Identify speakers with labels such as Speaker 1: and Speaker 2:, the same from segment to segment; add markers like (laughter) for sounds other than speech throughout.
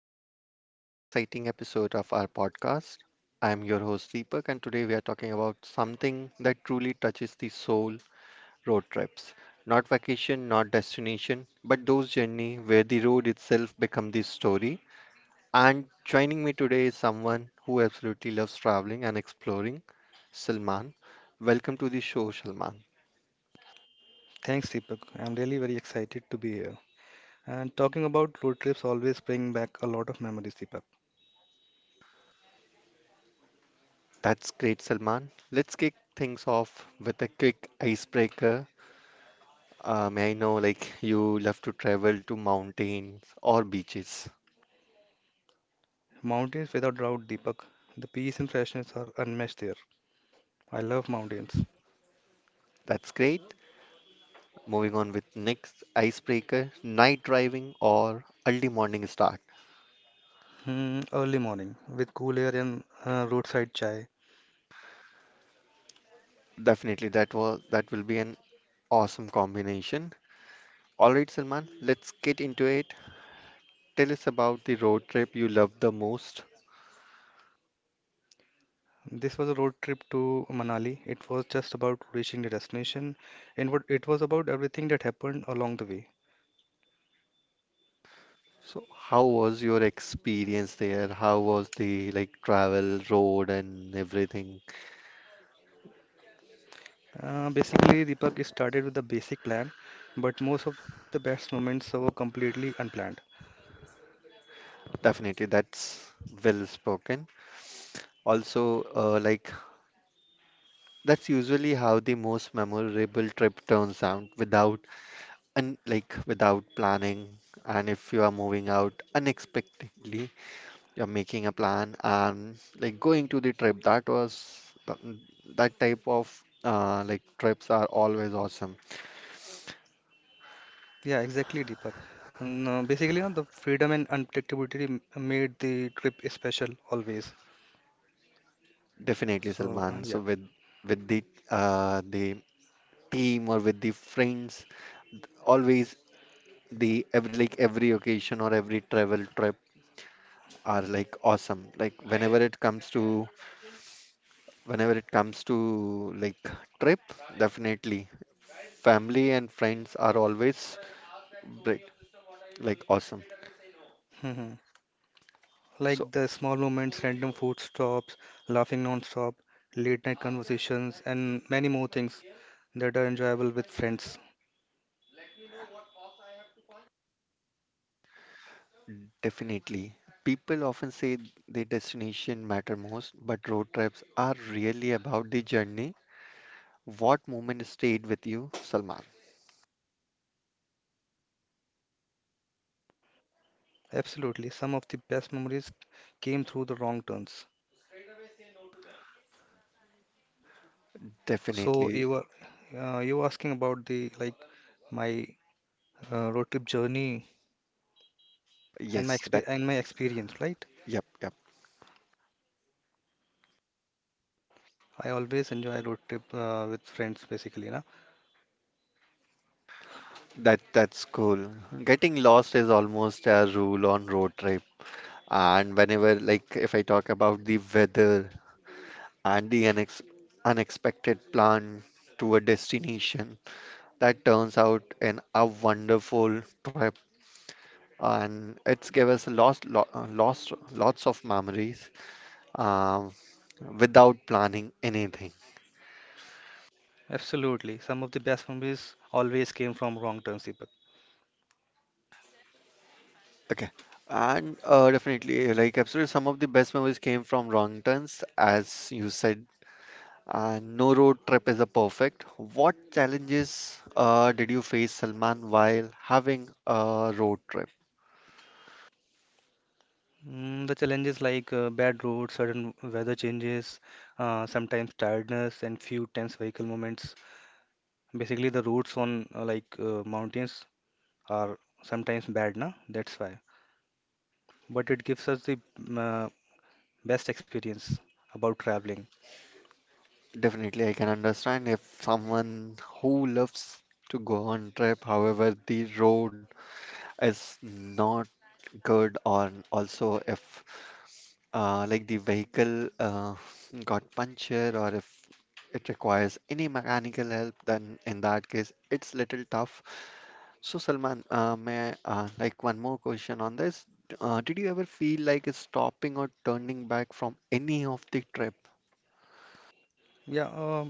Speaker 1: Welcome back to another exciting episode of our podcast. I'm your host, Deepak, and today we are talking about something that truly touches the soul, road trips. Not vacation, not destination, but those journeys where the road itself becomes the story. And joining me today is someone who absolutely loves traveling and exploring, Salman. Welcome to the show, Salman.
Speaker 2: Thanks, Deepak. I'm really very excited to be here. And talking about road trips always bring back a lot of memories, Deepak.
Speaker 1: That's great, Salman. Let's kick things off with a quick icebreaker. May I know, like, you love to travel to mountains or beaches?
Speaker 2: Mountains without doubt, Deepak. The peace and freshness are unmatched there. I love mountains.
Speaker 1: That's great. Moving on with next icebreaker, night driving or early morning start.
Speaker 2: Hmm, early morning with cool air and roadside chai.
Speaker 1: Definitely, that will be an awesome combination. All right, Salman, let's get into it. Tell us about the road trip you loved the most.
Speaker 2: This was a road trip to Manali. It was just about reaching the destination, and what it was about everything that happened along the way.
Speaker 1: So, how was your experience there? How was the like travel, road, and everything?
Speaker 2: Basically, Deepak, it started with a basic plan, but most of the best moments were completely unplanned.
Speaker 1: Definitely, that's well spoken. Also, that's usually how the most memorable trip turns out without and like without planning. And if you are moving out unexpectedly, you're making a plan and like going to the trip. That was that type of like trips are always awesome.
Speaker 2: Yeah, exactly, Deepak. And basically, the freedom and unpredictability made the trip special always.
Speaker 1: Definitely,
Speaker 2: So,
Speaker 1: Salman. So
Speaker 2: yeah.
Speaker 1: with the team or with the friends, always the every like every occasion or every travel trip are like awesome. Like whenever it comes to, whenever it comes to like trip, definitely family and friends are always great, like awesome.
Speaker 2: Hmm,
Speaker 1: So
Speaker 2: like the small moments, random food stops, laughing non-stop, late night conversations, and many more things that are enjoyable with friends.
Speaker 1: definitely people often say the destination matter most, but road trips are really about the journey. What moment stayed with you, Salman?
Speaker 2: Absolutely. Some of the best memories came through the wrong turns. So,
Speaker 1: Definitely.
Speaker 2: you were asking about the like my road trip journey and my
Speaker 1: Yes,
Speaker 2: exp
Speaker 1: that.
Speaker 2: and my experience, right?
Speaker 1: Yep, yep.
Speaker 2: I always enjoy road trip with friends, basically, na.
Speaker 1: That that's cool. Getting lost is almost a rule on road trip. And whenever like if I talk about the weather, and the unexpected plan to a destination that turns out in a wonderful trip. And it's give us lost, lots of memories um, without planning anything.
Speaker 2: Absolutely. Some of the best memories always came from wrong turns, Deepak.
Speaker 1: Okay. And definitely, like absolutely, some of the best memories came from wrong turns, as you said. And no road trip is a perfect. What challenges did you face, Salman, while having a road trip?
Speaker 2: Mm, the challenges like bad roads, sudden weather changes, sometimes tiredness, and few tense vehicle moments. Basically, the roads on like mountains are sometimes bad, na. That's why. But it gives us the best experience about traveling.
Speaker 1: Definitely, I can understand if someone who loves to go on trip, however, the road is not good, or also if the vehicle got puncture, or if it requires any mechanical help, then in that case, it's little tough. So, Salman, may I, like one more question on this. Did you ever feel like stopping or turning back from any of the trip?
Speaker 2: Yeah,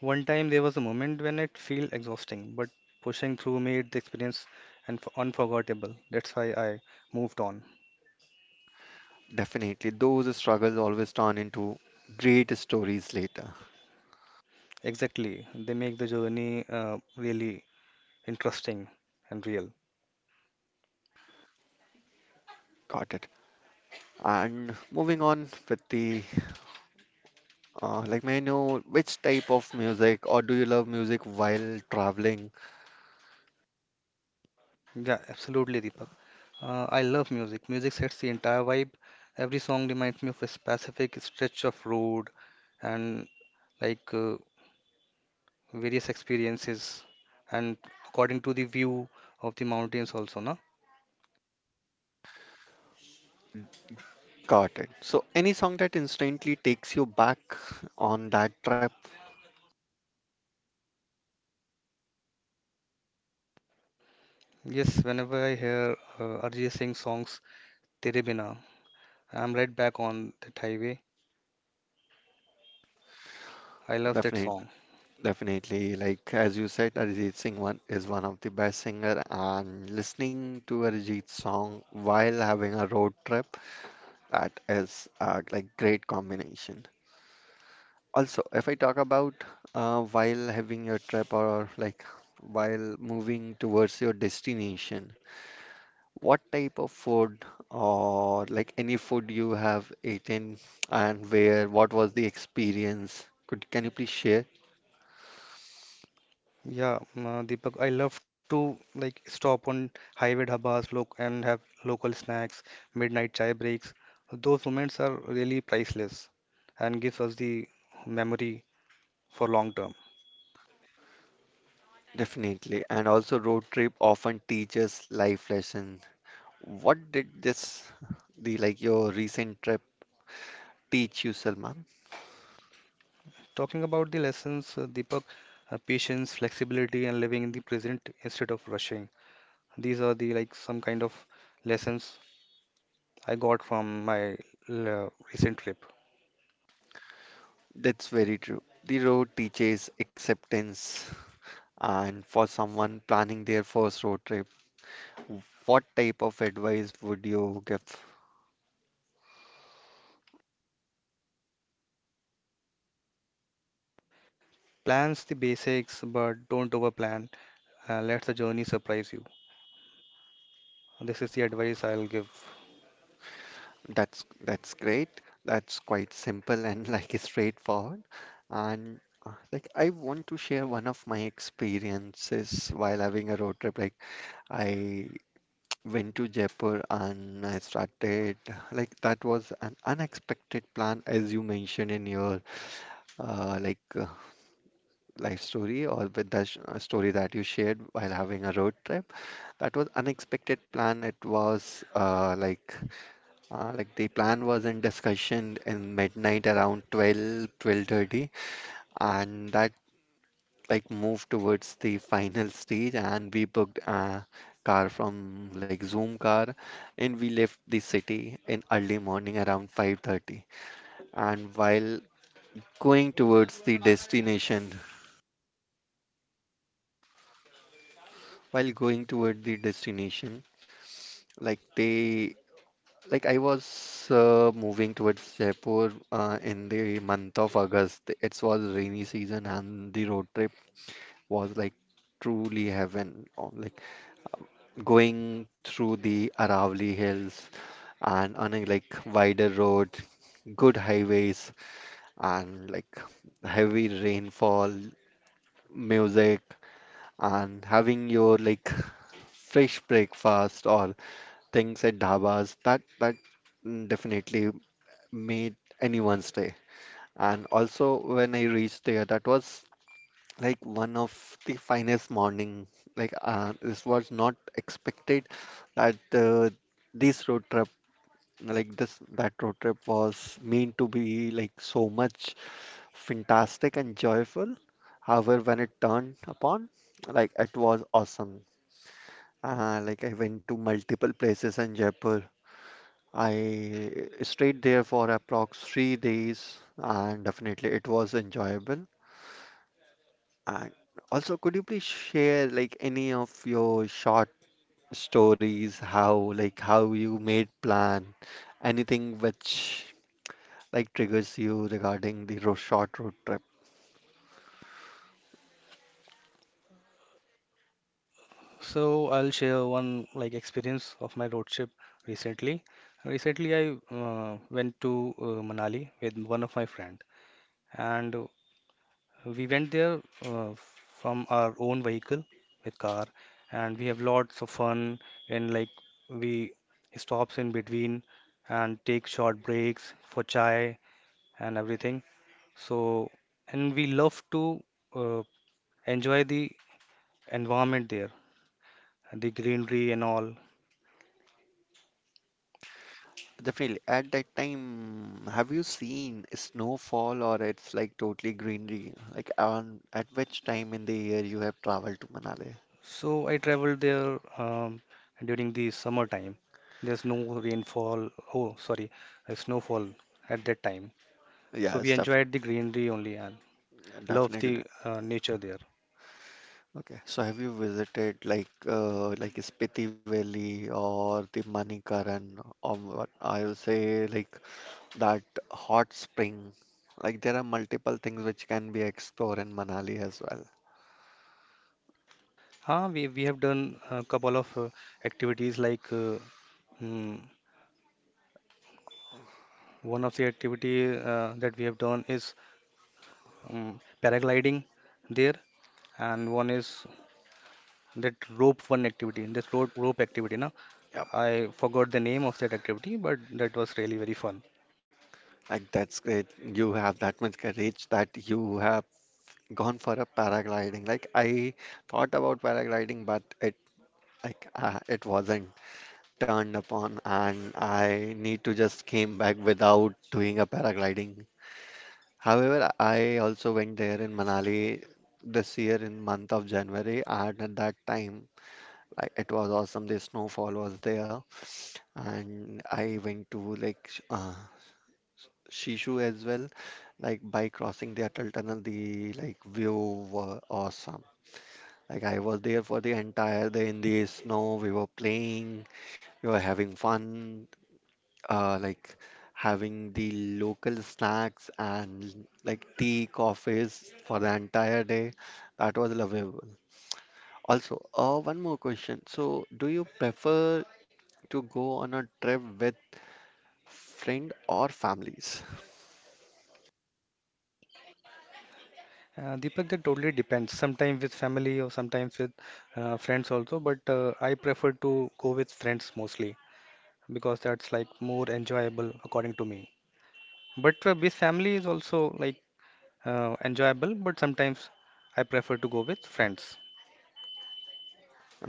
Speaker 2: one time there was a moment when it felt exhausting, but pushing through made the experience and unforgettable. That's why I moved on.
Speaker 1: Definitely, those struggles always turn into great stories later.
Speaker 2: Exactly. They make the journey really interesting and real.
Speaker 1: Got it. And moving on with the may I know which type of music, or do you love music while traveling?
Speaker 2: Yeah, absolutely, Deepak. I love music. Music sets the entire vibe. Every song reminds me of a specific stretch of road and like various experiences and according to the view of the mountains also, na?
Speaker 1: Got it. So, any song that instantly takes you back on that trip?
Speaker 2: Yes, whenever I hear Arijit Singh songs Tere Bina, I'm right back on that highway. I love that
Speaker 1: Definitely,
Speaker 2: song.
Speaker 1: definitely. Like as you said, Arijit Singh one is one of the best singer, and listening to Arijit's song while having a road trip, that is great combination. Also, if I talk about while having your trip or like while moving towards your destination, what type of food or like any food you have eaten and where, what was the experience? Can you please share?
Speaker 2: Yeah, Deepak, I love to like stop on highway dhabas look and have local snacks, midnight chai breaks. Those moments are really priceless and gives us the memory for long term.
Speaker 1: Definitely. And also road trip often teaches life lesson. What did this, the like your recent trip teach you, Salman?
Speaker 2: Talking about the lessons, Deepak, patience, flexibility, and living in the present instead of rushing. These are the like some kind of lessons I got from my recent trip.
Speaker 1: That's very true. The road teaches acceptance. And for someone planning their first road trip, what type of advice would you give?
Speaker 2: Plans the basics, but don't overplan. Let the journey surprise you. This is the advice I'll give.
Speaker 1: That's great. That's quite simple and (laughs) like straightforward. And I want to share one of my experiences while having a road trip. Like I went to Jaipur and I started, like that was an unexpected plan as you mentioned in your uh, like uh, life story or with the story that you shared while having a road trip. That was unexpected plan. It was like the plan was in discussion in midnight around 12:30, and that like moved towards the final stage. And we booked a car from like Zoom car, and we left the city in early morning around 5:30. And going towards the destination, while going toward the destination, like they Like I was moving towards Jaipur in the month of August. It was rainy season and the road trip was like truly heaven. Oh, like going through the Aravalli Hills and on a like wider road, good highways and like heavy rainfall, music and having your like fresh breakfast or things at dhabas, definitely made anyone's day. And also when I reached there, that was like one of the finest morning. Like this was not expected that this road trip, like this that road trip was meant to be like so much fantastic and joyful. However, when it turned upon, like it was awesome. Like I went to multiple places in Jaipur. I stayed there for approx 3 days, and definitely it was enjoyable. And also, could you please share like any of your short stories, how like how you made plan, anything which like triggers you regarding the ro short road trip?
Speaker 2: So I'll share one like experience of my road trip recently. Recently, I went to Manali with one of my friend, and we went there from our own vehicle with car, and we have lots of fun. And like we stops in between and take short breaks for chai and everything. So, and we love to uh, enjoy the environment there, the greenery and all.
Speaker 1: Definitely. At that time, have you seen snowfall or it's like totally greenery? Like on at which time in the year you have traveled to Manali?
Speaker 2: So I traveled there during the summer time. There's no rainfall. Oh, sorry, snowfall at that time. So we
Speaker 1: Yes, def
Speaker 2: enjoyed the greenery only, and love
Speaker 1: definitely.
Speaker 2: the nature there.
Speaker 1: Okay. So have you visited like Spiti Valley or the Manikaran or what I'll say like that hot spring? Like there are multiple things which can be explored in Manali as well.
Speaker 2: Ah, we have done a couple of activities like mm, one of the activity that we have done is paragliding there, and one is that rope one activity. This rope activity, na,
Speaker 1: Yep.
Speaker 2: I forgot the name of that activity, but that was really very fun.
Speaker 1: Like that's great. You have that much courage that you have gone for a paragliding. Like I thought about paragliding, but it it wasn't turned upon, and I need to just came back without doing a paragliding. However, I also went there in Manali this year in month of January, and at that time, like it was awesome. The snowfall was there, and I went to like Shishu as well. Like by crossing the Atal Tunnel, the like view were awesome. Like I was there for the entire day in the snow. We were playing, we were having fun, uh, like having the local snacks and like tea, coffees for the entire day. That was lovable. Also, one more question. So, do you prefer to go on a trip with friend or families?
Speaker 2: Deepak, that totally depends. Sometimes with family or sometimes with friends also, but I prefer to go with friends mostly because that's like more enjoyable according to me. But with family is also like enjoyable, but sometimes I prefer to go with friends.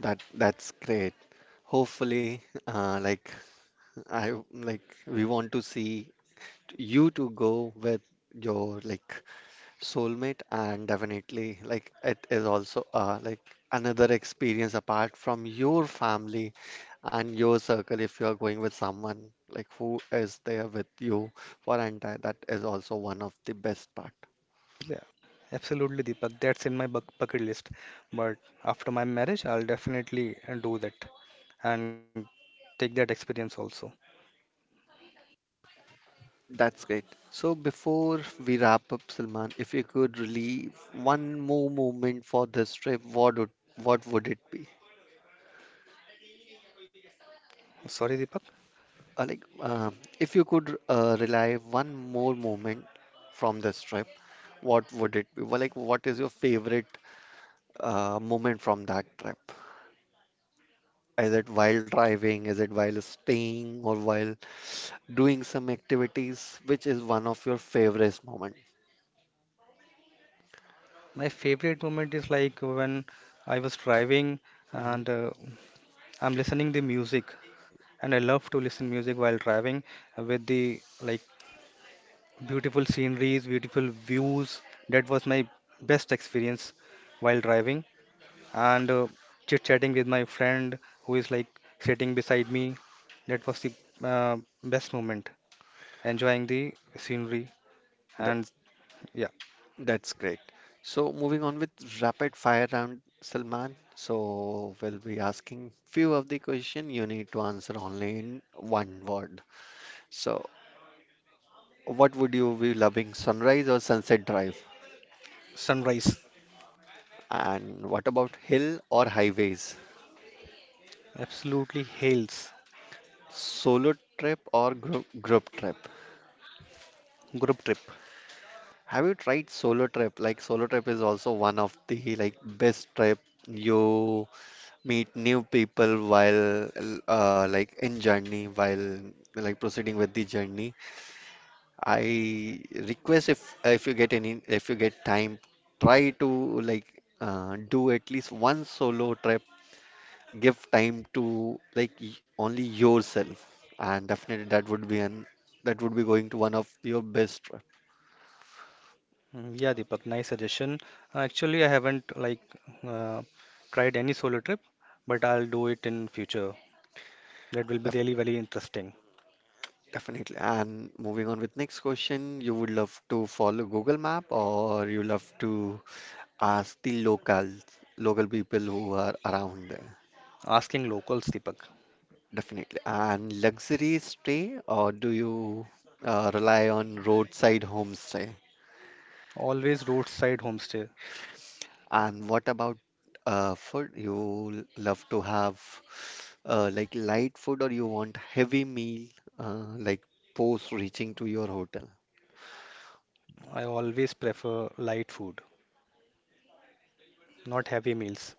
Speaker 1: That's great. Hopefully, (laughs) like I like we want to see you to go with your like soulmate, and definitely like it is also another experience apart from your family and your circle if you are going with someone like who is there with you for entire, that is also one of the best part.
Speaker 2: Yeah, absolutely, Deepak. That's in my bucket list. But after my marriage, I'll definitely do that and take that experience also.
Speaker 1: That's great. So before we wrap up, Salman, if you could relieve one more moment for this trip, what would it be?
Speaker 2: Sorry, Deepak.
Speaker 1: Uh, like uh, if you could relive one more moment from this trip, what would it be? Well, like, what is your favorite moment from that trip? Is it while driving? Is it while staying or while doing some activities? Which is one of your favorite moment?
Speaker 2: My favorite moment is like when I was driving
Speaker 1: Mhm.
Speaker 2: and I'm listening the music, and I love to listen music while driving with the like beautiful sceneries, beautiful views. That was my best experience while driving and chit-chatting with my friend who is like sitting beside me. That was the uh, best moment, enjoying the scenery and
Speaker 1: That's
Speaker 2: yeah,
Speaker 1: that's great. So moving on with rapid fire round, Salman. So we'll be asking few of the question. You need to answer only in one word. So what would you be loving, sunrise or sunset drive?
Speaker 2: sunrise
Speaker 1: And what about hill or highways?
Speaker 2: absolutely hails
Speaker 1: Solo trip or group trip?
Speaker 2: group trip.
Speaker 1: Have you tried solo trip? Like solo trip is also one of the like best trip. You meet new people while in journey while like proceeding with the journey. I request if you get any if you get time, try to like do at least one solo trip. Give time to like only yourself, and definitely that would be an that would be going to one of your best trip.
Speaker 2: Mm, yeah, Deepak, nice suggestion. Actually, I haven't like uh, tried any solo trip, but I'll do it in future. That will be
Speaker 1: Def-
Speaker 2: really very interesting.
Speaker 1: Definitely. And moving on with next question, you would love to follow Google Map or you love to ask the locals, local people who are around there.
Speaker 2: Asking locals, Deepak.
Speaker 1: Definitely. And luxury stay, or do you rely on roadside homestay?
Speaker 2: Always roadside homestay.
Speaker 1: And what about food? You love to have light food, or you want heavy meal uh, like post reaching to your hotel?
Speaker 2: I always prefer light food, not heavy meals.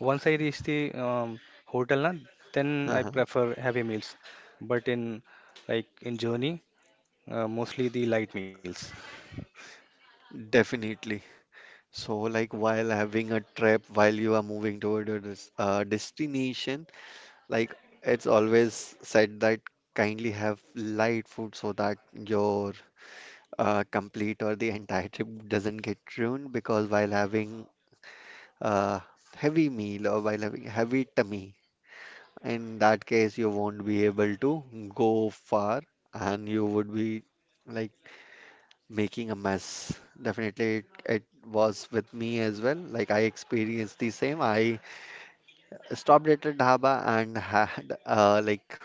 Speaker 2: Once I reach the hotel, na, then I
Speaker 1: (laughs)
Speaker 2: prefer heavy meals. But in like in journey, mostly the light meals.
Speaker 1: Definitely. So, like while having a trip, while you are moving toward a destination, like it's always said that kindly have light food so that your complete or the entire trip doesn't get ruined, because while having a heavy meal or while having heavy tummy, in that case you won't be able to go far and you would be like making a mess. Definitely, it was with me as well. Like I experienced the same. I stopped at a dhaba and had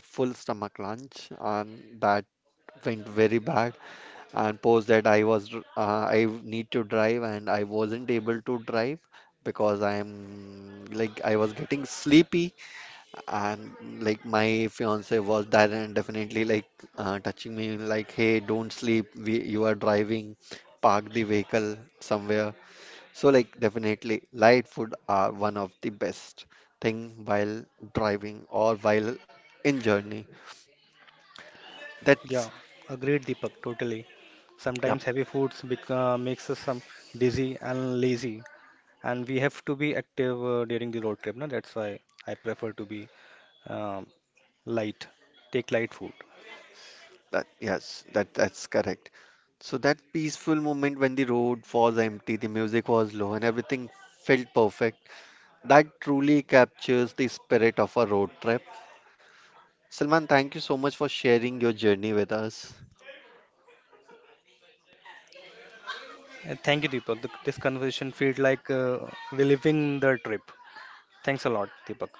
Speaker 1: full stomach lunch, and that went very bad. And post that, I was I need to drive, and I wasn't able to drive because I am like I was getting sleepy, and like my fiance was there, and definitely like touching me like, hey, don't sleep, we, you are driving, park the vehicle somewhere. So like definitely light food are one of the best thing while driving or while in journey. That's
Speaker 2: Yeah, agreed, Deepak, totally.
Speaker 1: yep
Speaker 2: Sometimes heavy foods bec makes us some dizzy and lazy, and we have to be active during the road trip. Na? That's why I prefer to be um, light. Take light food.
Speaker 1: that Yes, that that's correct. So that peaceful moment when the road was empty, the music was low, and everything felt perfect, that truly captures the spirit of a road trip. Salman, thank you so much for sharing your journey with us.
Speaker 2: Thank you, Deepak. This conversation feels like reliving the trip. Thanks a lot, Deepak.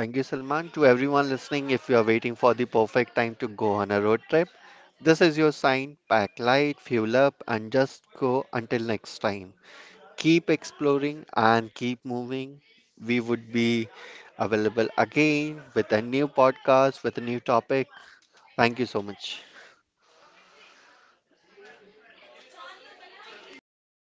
Speaker 1: Thank you, Salman. To everyone listening, if you are waiting for the perfect time to go on a road trip, this is your sign. Pack light, fuel up, and just go until next time. Keep exploring and keep moving. We would be available again with a new podcast, with a new topic. Thank you so much.
Speaker 2: Thanks, Deepak.